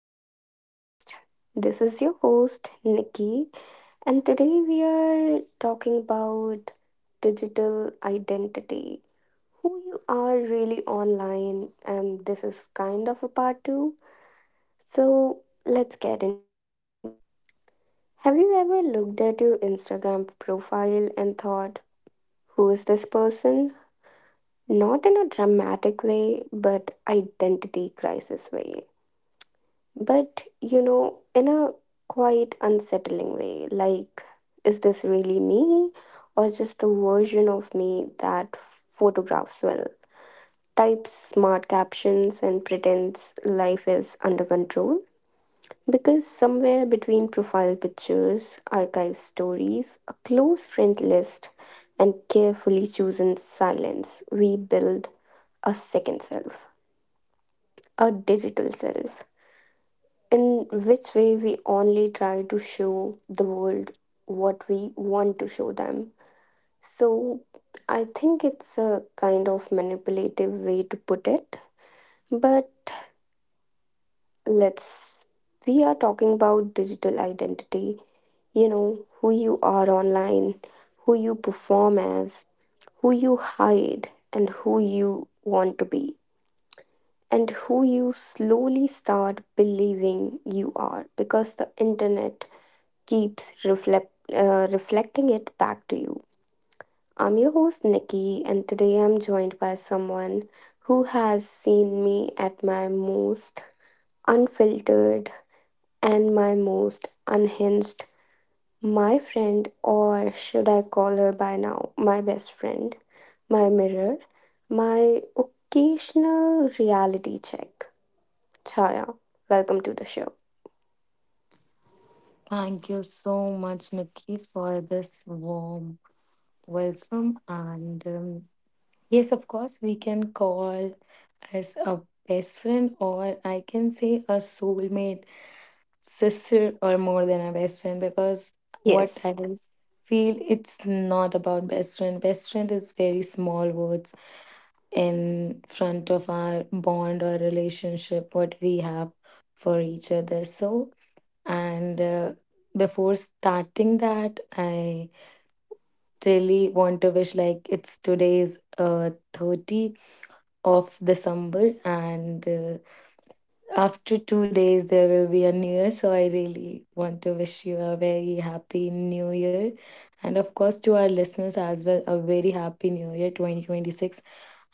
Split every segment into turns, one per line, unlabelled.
my podcast. This is your host Nikki, and today we are talking about digital identity. Who you are really online, and this is kind of a part two. So let's get into it. Have you ever looked at your Instagram profile and thought, who is this person? Not in a dramatic way, but identity crisis way. But, you know, in a quite unsettling way, like, is this really me or just the version of me that photographs well, types smart captions, and pretends life is under control? Because somewhere between profile pictures, archive stories, a close friend list, and carefully chosen silence, we build a second self, a digital self in which way we only try to show the world what we want to show them. So I think it's a kind of manipulative way to put it. But let's, we are talking about digital identity, you know, who you are online, who you perform as, who you hide, and who you want to be. And who you slowly start believing you are because the internet keeps reflecting it back to you. I'm your host, Nikki, and today I'm joined by someone who has seen me at my most unfiltered and my most unhinged. My friend, or should I call her by now, my best friend, my mirror, my occasional reality check. Chaya, welcome to the show.
Thank you so much, Nikki, for this warm welcome. And yes, of course, we can call as a best friend, or I can say a soulmate, sister, or more than a best friend, because what
Yes.
I will feel it's not about best friend. Best friend is very small words in front of our bond or relationship, what we have for each other. So, and before starting that, I really want to wish like it's today's 30th of December, and after 2 days there will be a new year. So I really want to wish you a very happy new year, and of course to our listeners as well, a very happy new year 2026.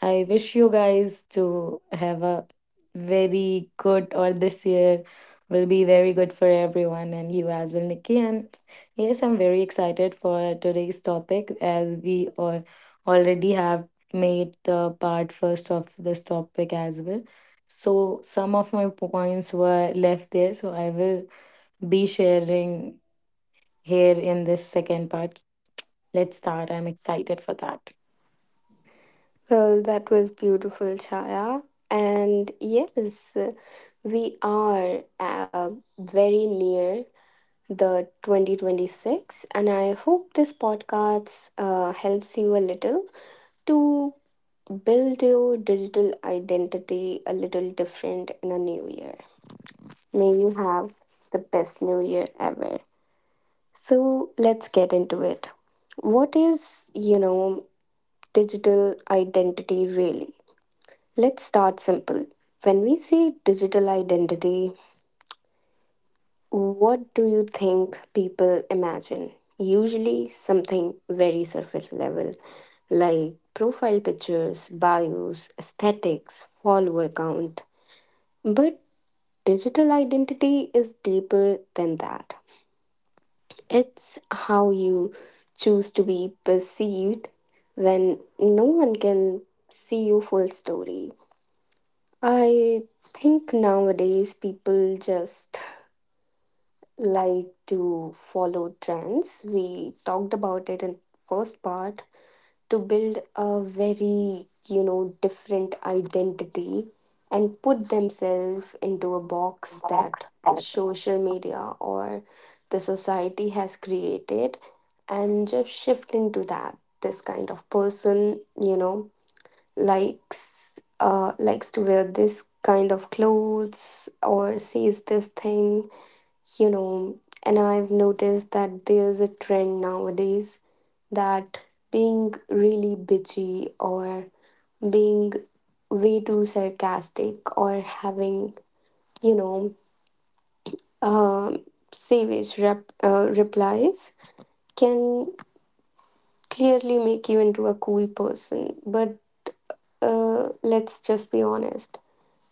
I wish you guys to have a very good or this year will be very good for everyone and you as well, Nikki. And yes, I'm very excited for today's topic, as we all already have made the part first of this topic as well. So some of my points were left there, so I will be sharing here in this second part. Let's start. I'm excited for that.
Well, that was beautiful, Chaya. And yes, we are very near the 2026, and I hope this podcast helps you a little to build your digital identity a little different in a new year. May you have the best new year ever. So let's get into it. What is, you know, digital identity really? Let's start simple. When we say digital identity, what do you think people imagine? Usually something very surface level, like profile pictures, bios, aesthetics, follower count. But digital identity is deeper than that. It's how you choose to be perceived when no one can see your full story. I think nowadays people just like to follow trends. We talked about it in first part to build a very, you know, different identity and put themselves into a box that social media or the society has created and just shift into that this kind of person, you know, likes likes to wear this kind of clothes or says this thing, you know. And I've noticed that there's a trend nowadays that being really bitchy or being way too sarcastic or having, you know, um replies can clearly make you into a cool person. But let's just be honest,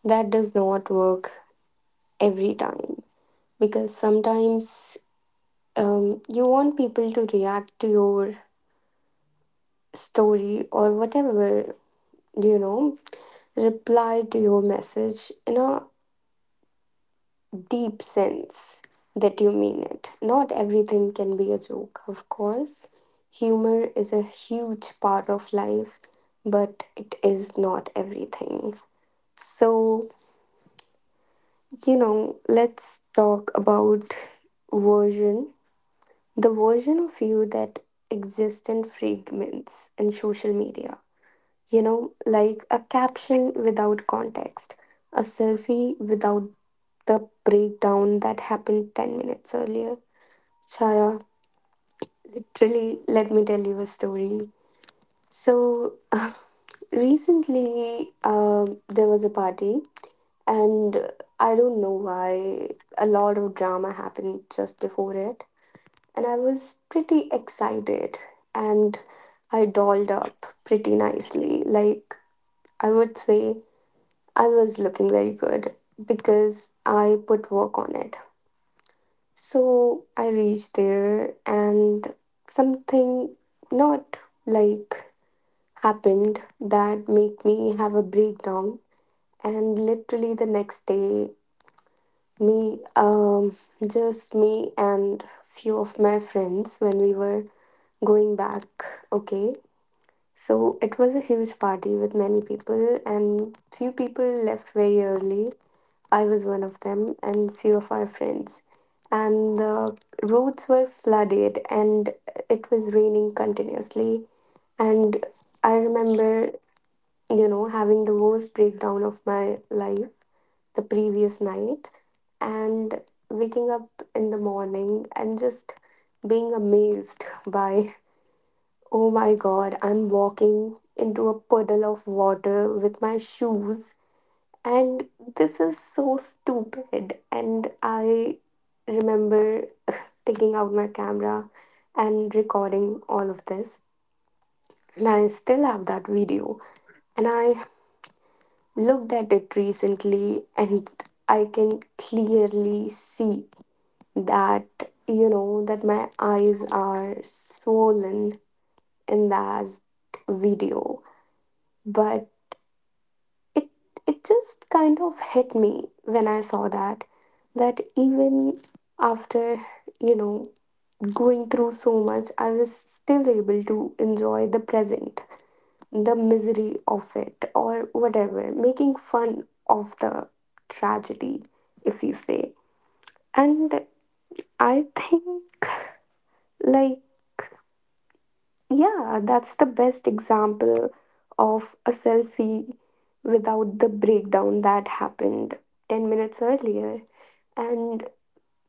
that does not work every time because sometimes you want people to react to your story or whatever, you know, reply to your message in a deep sense that you mean it. Not everything can be a joke, of course. Humor is a huge part of life, but it is not everything. So, you know, let's talk about version, the version of you that exists in fragments and social media. You know, like a caption without context, a selfie without the breakdown that happened 10 minutes earlier. Chaya, literally, let me tell you a story. So, recently, there was a party and I don't know why a lot of drama happened just before it. And I was pretty excited and I dolled up pretty nicely. Like, I would say I was looking very good because I put work on it. So I reached there and something not like happened that made me have a breakdown, and literally the next day Me, um, just me and few of my friends when we were going back. Okay, so it was a huge party with many people, and few people left very early. I was one of them, and few of our friends. And the roads were flooded, and it was raining continuously. And I remember, you know, having the worst breakdown of my life the previous night and waking up in the morning and just being amazed by, oh my god, I'm walking into a puddle of water with my shoes, and this is so stupid. And I remember taking out my camera and recording all of this. And I still have that video. And I looked at it recently and I can clearly see that, you know, that my eyes are swollen in that video. But it it just kind of hit me when I saw that, that even after, you know, going through so much, I was still able to enjoy the present, the misery of it, or whatever, making fun of the tragedy, if you say. And I think, like, yeah, that's the best example of a selfie without the breakdown that happened 10 minutes earlier. And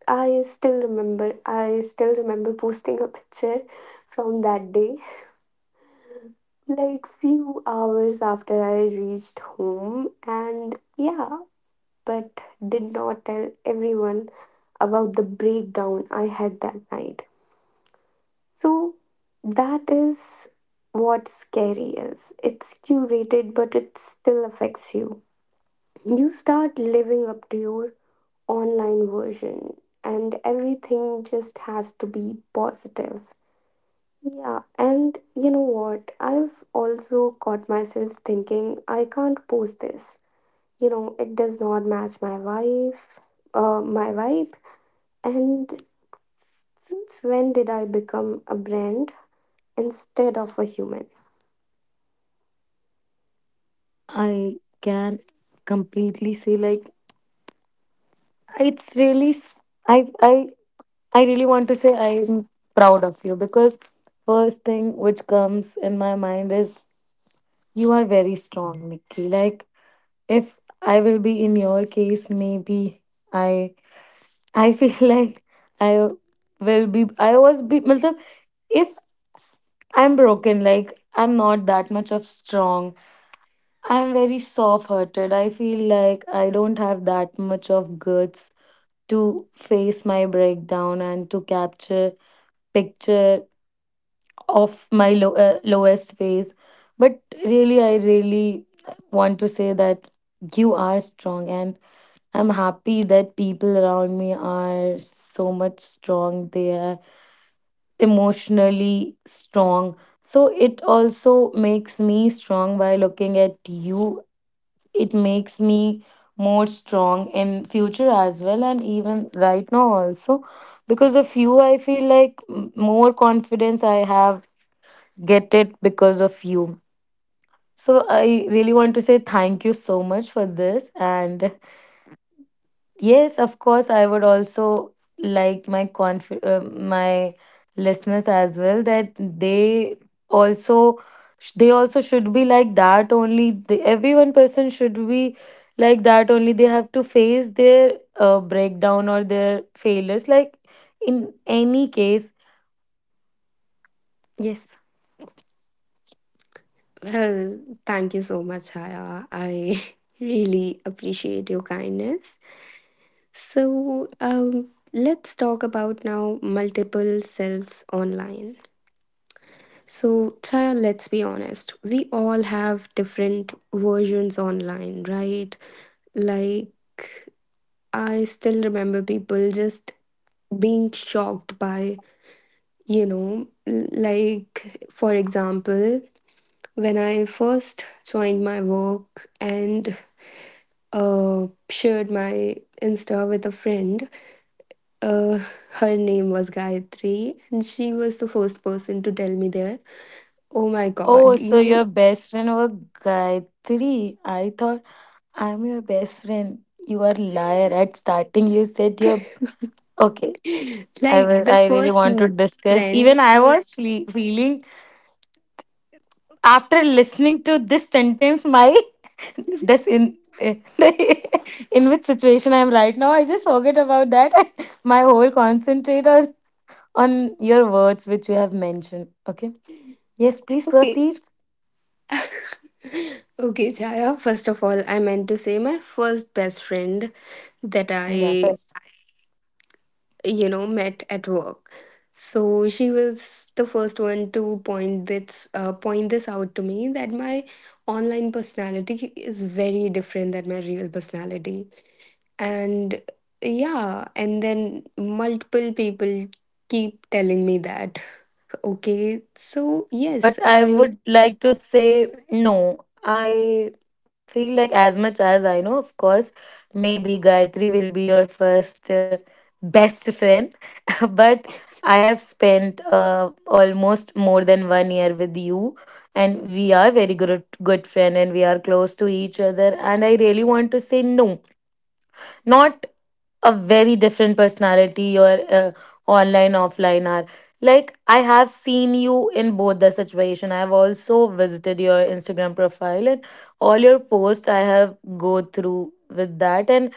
I still remember posting a picture from that day, like few hours after I reached home. And yeah, but did not tell everyone about the breakdown I had that night. So that is what scary is. It's curated, but it still affects you. You start living up to your online version, and everything just has to be positive. Yeah, and you know what? I've also caught myself thinking I can't post this. You know, it does not match my my vibe. And since when did I become a brand instead of a human?
I can completely say like it's really I I I really want to say I'm proud of you, because first thing which comes in my mind is you are very strong, Nikki. Like if I will be in your case, maybe I I feel like I will be I was be matlab, if I'm broken, like I'm not that much of strong. I'm very soft hearted. I feel like I don't have that much of guts to face my breakdown and to capture picture of my lowest phase, but really I really want to say that you are strong, and I'm happy that people around me are so much strong. They are emotionally strong, so it also makes me strong by looking at you. It makes me more strong in future as well, and even right now also, because of you I feel like more confidence I have get it because of you. So I really want to say thank you so much for this. And yes, of course, I would also like my conf my listeners as well that they also they also should be like that only. Every one person should be like that only. They have to face their breakdown or their failures. Like in any case, yes.
Well, thank you so much, Haya. I really appreciate your kindness. So, let's talk about now multiple selves online. So, Chaya, let's be honest. We all have different versions online, right? Like, I still remember people just being shocked by, you know, like, for example, when I first joined my work and shared my Insta with a friend. Uh, her name was Gayatri, and she was the first person to tell me there. Oh my
Oh,
god,
so your
you
best friend was Gayatri. I thought I'm your best friend. You are liar. At starting, you said you're okay.
like the
I really
first
want to discuss. Even
friend. I
I
was
was feeling after listening to this sentence, my this in in which situation I'm right now. I just forget about that. My whole concentrate was on your words which you have mentioned. Okay. Yes, please
okay.
proceed.
Okay, Chaya. First of all, I meant to say my first best friend that
Yeah,
I,
first.
you know, met at work. So she was the first one to point this point this out to me, that my online personality is very different than my real personality. And yeah, and then multiple people keep telling me that. Okay, so
But
yes,
I
I.
would like to say no. I feel like as much as I know, of course, maybe Gayatri will be your first, best friend but I have spent almost more than one year with you, and we are very good friend, and we are close to each other. And I really want to say no, not a very different personality, or online offline are like. I have seen you in both the situation. I have also visited your Instagram profile, and all your posts I have go through with that. And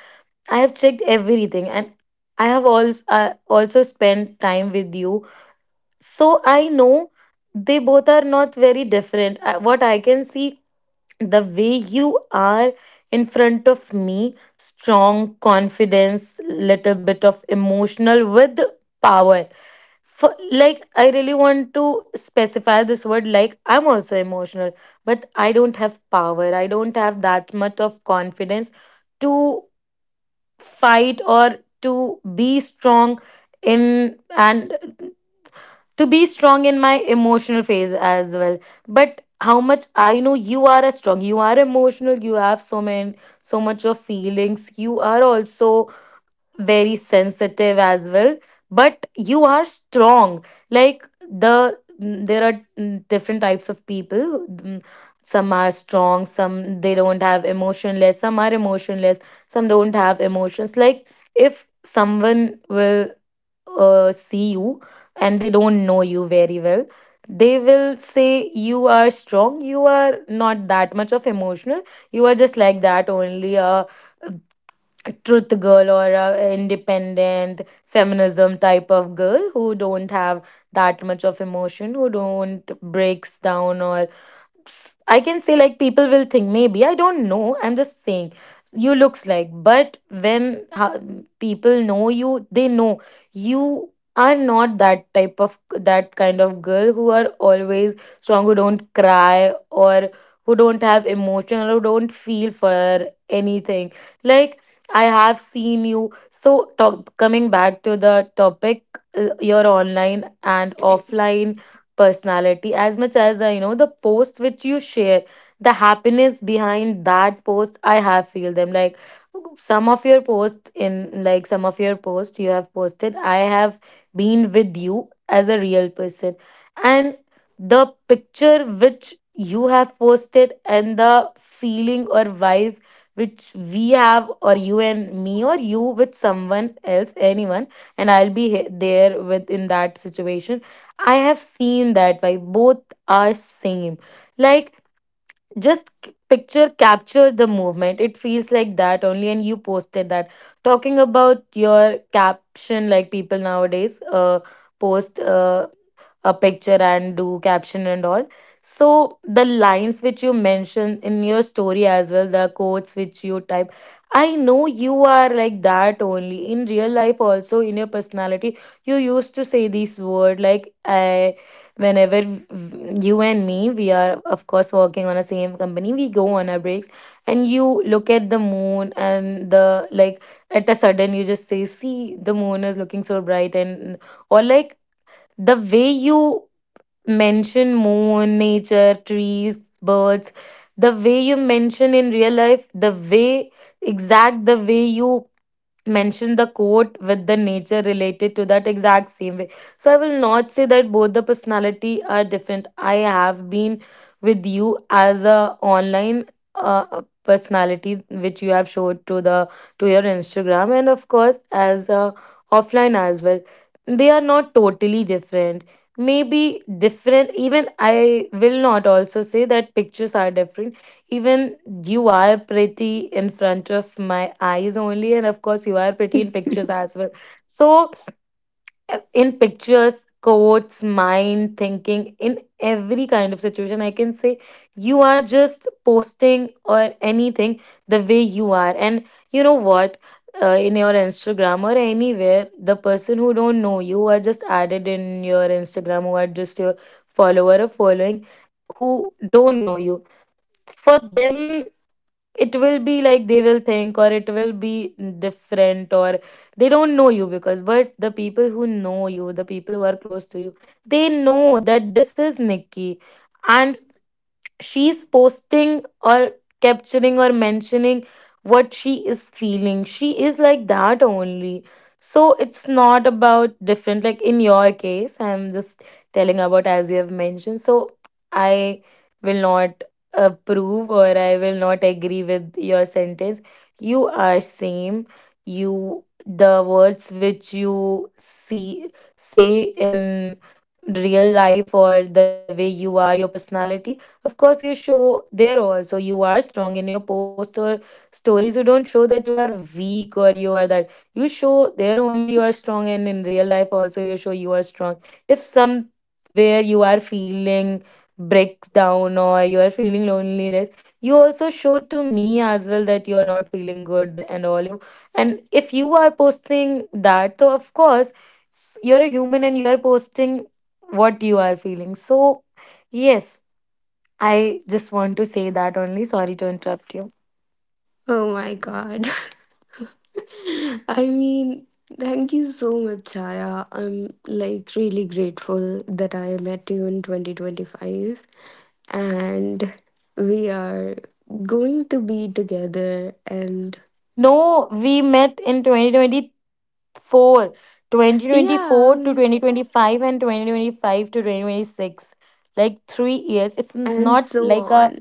I have checked everything, and I have also also spent time with you. So I know they both are not very different. What I can see, the way you are in front of me, strong confidence, little bit of emotional with power. For like, I really want to specify this word, like I'm also emotional, but I don't have power. I don't have that much of confidence to fight or to be strong in, and to be strong in my emotional phase as well. But how much I know, you are a strong, you are emotional, you have so many so much of feelings. You are also very sensitive as well, but you are strong. Like the there are different types of people. Some are strong, some they don't have emotionless, some are emotionless, some don't have emotions. Like if someone will see you, and they don't know you very well, they will say you are strong, you are not that much of emotional, you are just like that only, truth girl, or a independent feminism type of girl who don't have that much of emotion, who don't breaks down, or I can say like people will think, maybe I don't know, I'm just saying you looks like. But when people know you, they know you are not that type of that kind of girl who are always strong, who don't cry, or who don't have emotion, or who don't feel for anything. Like I have seen you. So talk, coming back to the topic, you online and offline personality. As much as you know, the posts which you share, the happiness behind that post I have feel them. Like some of your posts in, like some of your posts you have posted, I have been with you as a real person. And the picture which you have posted, and the feeling or vibe which we have, or you and me, or you with someone else, anyone, and I'll be there with in that situation, I have seen that. Why, both are same. Like just picture capture the movement. It feels like that only, and you posted that. Talking about your caption, like people nowadays post a picture and do caption and all. So the lines which you mentioned in your story as well, the quotes which you type. I know you are like that only in real life, also in your personality. You used to say this word, like I, whenever you and me, we are of course working on a same company, we go on our breaks, and you look at the moon, and the like, at a sudden you just say, see, the moon is looking so bright, and or like the way you mention moon, nature, trees, birds, the way you mention in real life, the way exact the way you mention the quote with the nature related to that exact same way. So I will not say that both the personality are different. I have been with you as a online personality which you have showed to the to your Instagram, and of course as a offline as well. They are not totally different, maybe different. Even I will not also say that pictures are different, even you are pretty in front of my eyes only, and of course you are pretty in pictures as well. So, in pictures, quotes, mind, thinking, in every kind of situation, I can say you are just posting or anything the way you are. And you know what? In your Instagram or anywhere, the person who don't know you are just added in your Instagram, who are just your follower or following, who don't know you, for them it will be like they will think, or it will be different, or they don't know you. Because but the people who know you, the people who are close to you, they know that this is Nikki, and she's posting or capturing or mentioning what she is feeling. She is like that only. So it's not about different, like in your case, I'm just telling about as you have mentioned. So I will not approve, or I will not agree with your sentence. You are same. You the words which you see say in real life, or the way you are, your personality. Of course, you show there also you are strong in your post or stories. You don't show that you are weak, or you are that. You show there only you are strong, and in real life also you show you are strong. If somewhere you are feeling breaks down, or you are feeling loneliness, you also show to me as well that you are not feeling good and all you. And if you are posting that, so of course you're a human and you are posting what you are feeling. So yes, I just want to say that only. Sorry to interrupt you.
Oh my god. I mean, thank you so much, Chaya. I'm like really grateful that I met you in 2025 and we are going to be together and
No, we met in 2024, 2024 to
yeah,
2025, and 2025 to 2026. Like 3 years. It's
and
not
so
like a,
on.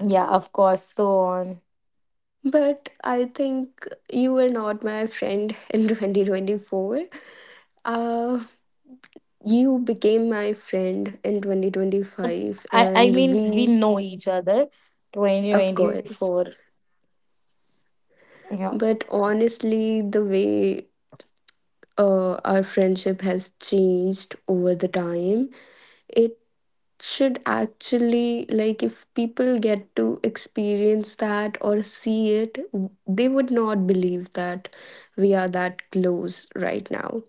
yeah, of course, so on.
But I think you were not my friend in 2024. Uh, you became my friend in 2025
I
and
mean, we
we,
know each other.
of course.
2024. Yeah.
But honestly, the way our friendship has changed over the time, it should actually, like, if people get to experience that or see it, they would not believe that we are that close right now.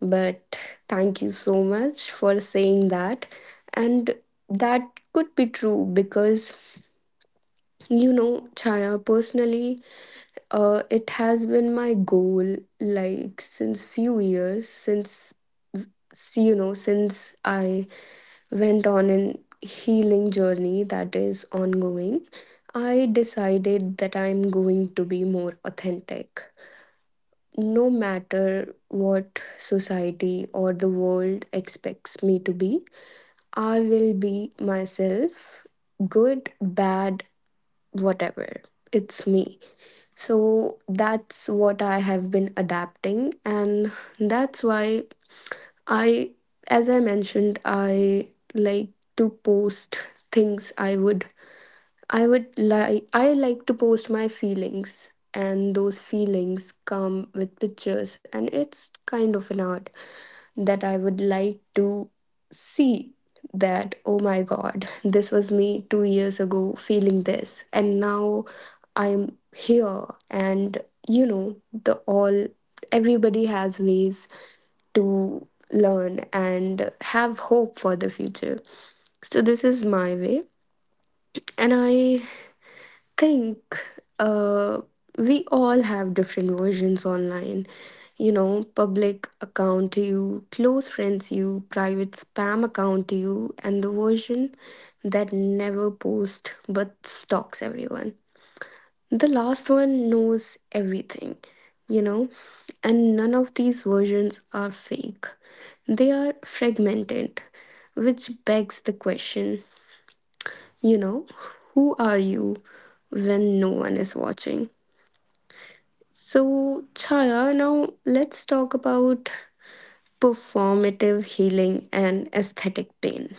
But thank you so much for saying that. And that could be true because, you know, Chaya, personally, it has been my goal like since few years since, see, you know, since I went on an healing journey that is ongoing. I decided that I'm going to be more authentic. No matter what society or the world expects me to be, I will be myself, good, bad, whatever. It's me. So that's what I have been adapting, and that's why I, as I mentioned, I like to post things I would, I like to post my feelings, and those feelings come with pictures, and it's kind of an art that I would like to see that, oh my god, this was me 2 years ago feeling this and now I'm here. And you know, the all everybody has ways to learn and have hope for the future. So this is my way. And I think, uh, we all have different versions online. You know, public account to you, close friends you, private spam account to you, and the version that never posts but stalks everyone. The last one knows everything, you know, and none of these versions are fake. They are fragmented, which begs the question, you know, who are you when no one is watching? So, Chaya, now let's talk about performative healing and aesthetic pain.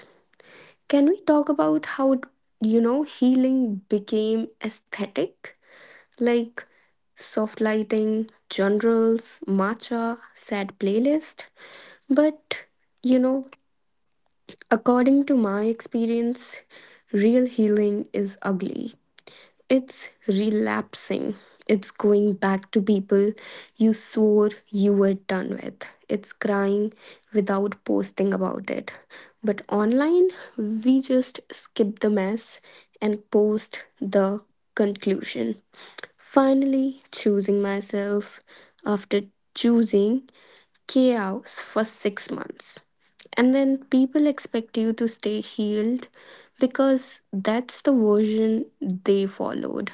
Can we talk about how, you know, healing became aesthetic? Like soft lighting, generals, matcha, sad playlist. But, you know, according to my experience, real healing is ugly. It's relapsing. It's going back to people you swore you were done with. It's crying without posting about it. But online, we just skip the mess and post the conclusion. Finally, choosing myself after choosing chaos for 6 months. And then people expect you to stay healed because that's the version they followed.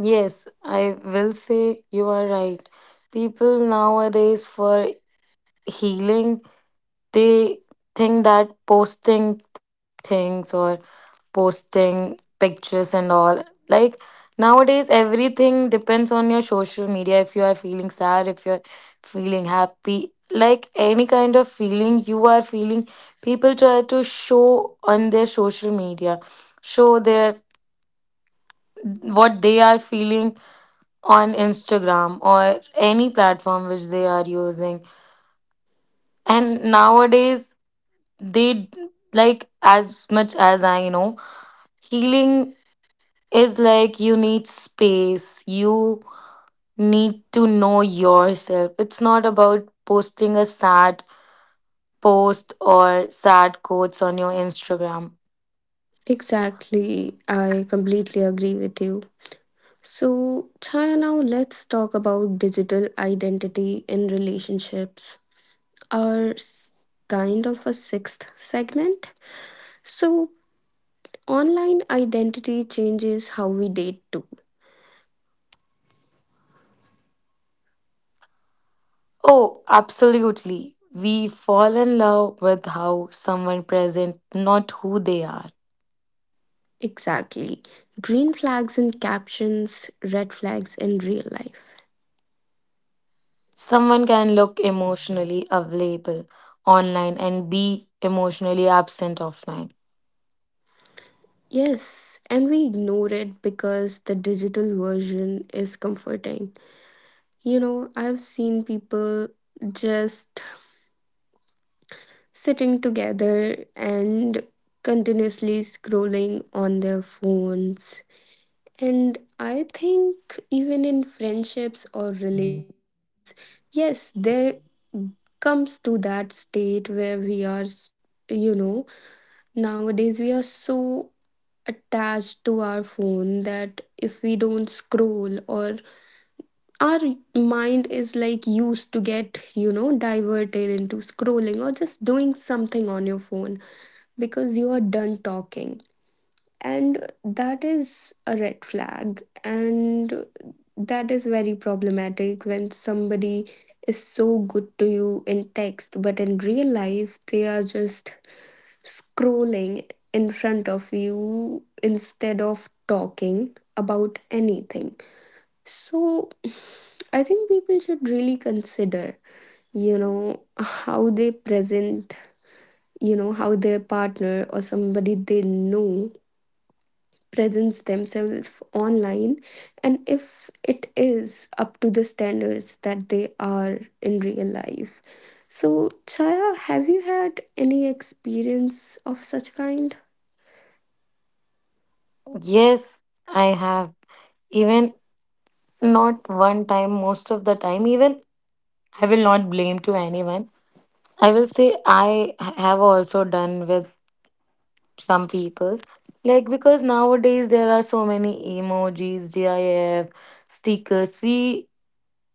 Yes, I will say you are right. People nowadays for healing they think that posting things or posting pictures and all, like, nowadays everything depends on your social media. If you are feeling sad, if you're feeling happy, like any kind of feeling you are feeling, people try to show on their social media, show their what they are feeling on Instagram or any platform which they are using. And nowadays like, as much as I know, healing is like you need space, you need to know yourself. It's not about posting a sad post or sad quotes on your Instagram.
Exactly. I completely agree with you. So, Chaya, now let's talk about digital identity in relationships, our kind of a sixth segment. So, online identity changes how we date too.
Oh, absolutely, we fall in love with how someone present, not who they are.
Exactly. Green flags in captions, red flags in real life.
Someone can look emotionally available online and be emotionally absent offline.
Yes, and we ignore it because the digital version is comforting. You know, I've seen people just sitting together and continuously scrolling on their phones. And I think even in friendships or relationships, yes, there comes to that state where we are, you know, nowadays we are so attached to our phone that if we don't scroll, or our mind is like used to get, you know, diverted into scrolling or just doing something on your phone because you are done talking. And that is a red flag, and that is very problematic when somebody is so good to you in text but in real life they are just scrolling in front of you instead of talking about anything. So I think people should really consider, you know, how they present, you know, how their partner or somebody they know presents themselves online and if it is up to the standards that they are in real life. So, Chaya, have you had any experience of such kind?
Yes, I have, even not one time, most of the time. Even I will not blame to anyone, I will say I have also done with some people, like, because nowadays there are so many emojis, gif, stickers. We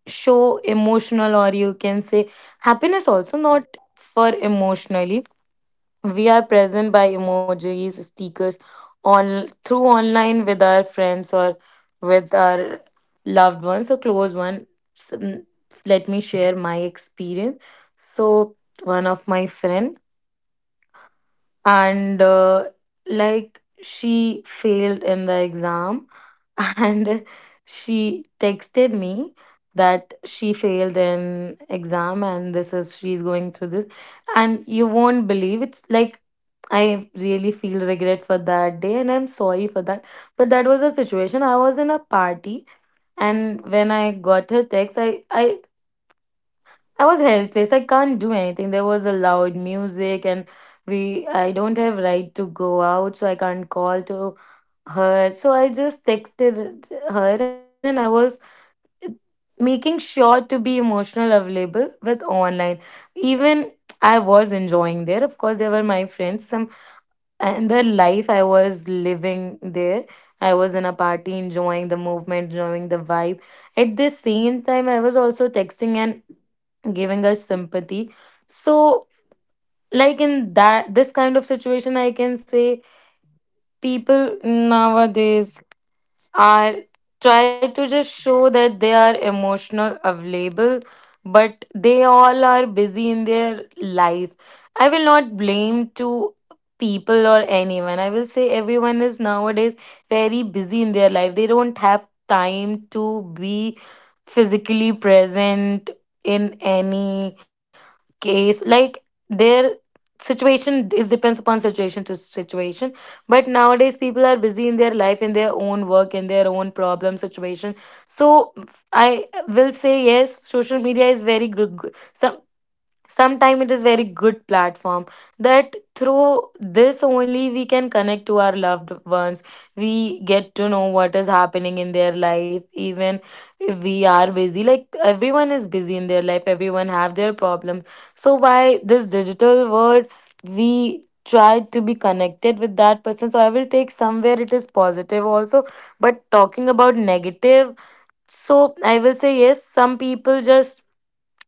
show emotional, or you can say happiness also, not for emotionally. We are present by emojis, stickers, on through online with our friends or with our loved ones or close ones. Let me share my experience. So, one of my friend, and like, she failed in the exam and she texted me that she failed in exam and this is she's going through this. And you won't believe, it's like, I really feel regret for that day and I'm sorry for that. But that was a situation, I was in a party, and when I got her text, I I was helpless. I can't do anything. There was a loud music, and we, I don't have right to go out, so I can't call to her. So I just texted her and I was making sure to be emotional available with online. Even I was enjoying there. Of course, there were my friends, some, and the life I was living there. I was in a party enjoying the movement, enjoying the vibe. At the same time, I was also texting and giving us sympathy. So, like, in that this kind of situation, I can say people nowadays are try to just show that they are emotional available, but they all are busy in their life. I will not blame to people or anyone, I will say everyone is nowadays very busy in their life. They don't have time to be physically present in any case, like their situation is depends upon situation to situation. But nowadays people are busy in their life, in their own work, in their own problem situation. So I will say, yes, social media is very good. Sometimes it is very good platform that through this only we can connect to our loved ones. We get to know what is happening in their life, even if we are busy. Like, everyone is busy in their life, everyone have their problems. So by this digital world, we try to be connected with that person. So I will take somewhere it is positive also. But talking about negative, so I will say yes, some people just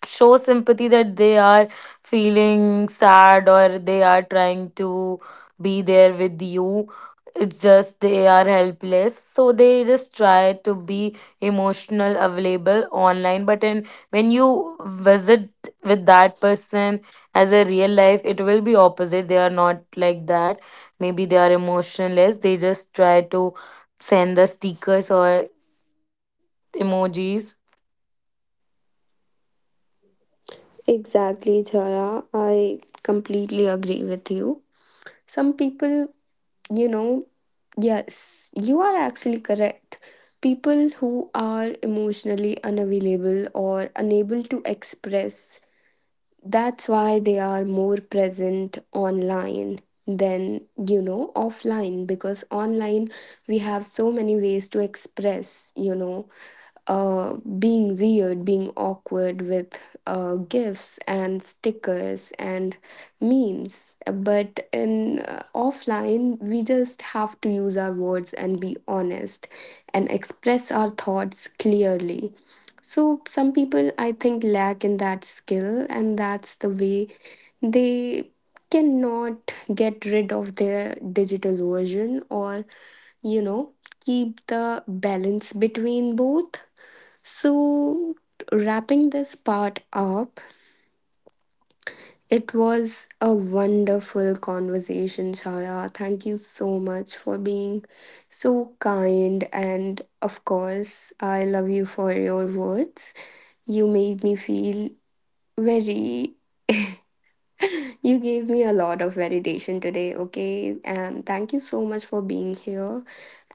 show sympathy that they are feeling sad or they are trying to be there with you. It's just they are helpless, so they just try to be emotional available online. But in, when you visit with that person as a real life, it will be opposite. They are not like that. Maybe they are emotionless, they just try to send the stickers or emojis.
Exactly, Chaya. I completely agree with you. Some people, you know, yes, you are actually correct. People who are emotionally unavailable or unable to express, that's why they are more present online than, you know, offline, because online we have so many ways to express, you know, being weird, being awkward with gifts and stickers and memes. But in offline, we just have to use our words and be honest and express our thoughts clearly. So, some people I think lack in that skill, and that's the way they cannot get rid of their digital version or, you know, keep the balance between both. So, wrapping this part up, it was a wonderful conversation, Chaya. Thank you so much for being so kind. And of course, I love you for your words. You made me feel very, you gave me a lot of validation today, okay? And thank you so much for being here.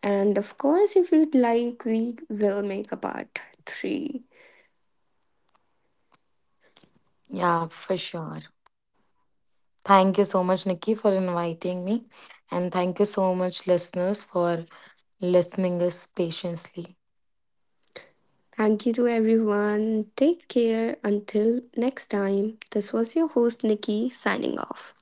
And of course, if you'd like, we will make a part three.
Yeah, for sure. Thank you so much, Nikki, for inviting me. And thank you so much, listeners, for listening us patiently.
Thank you to everyone. Take care until next time. This was your host, Nikki, signing off.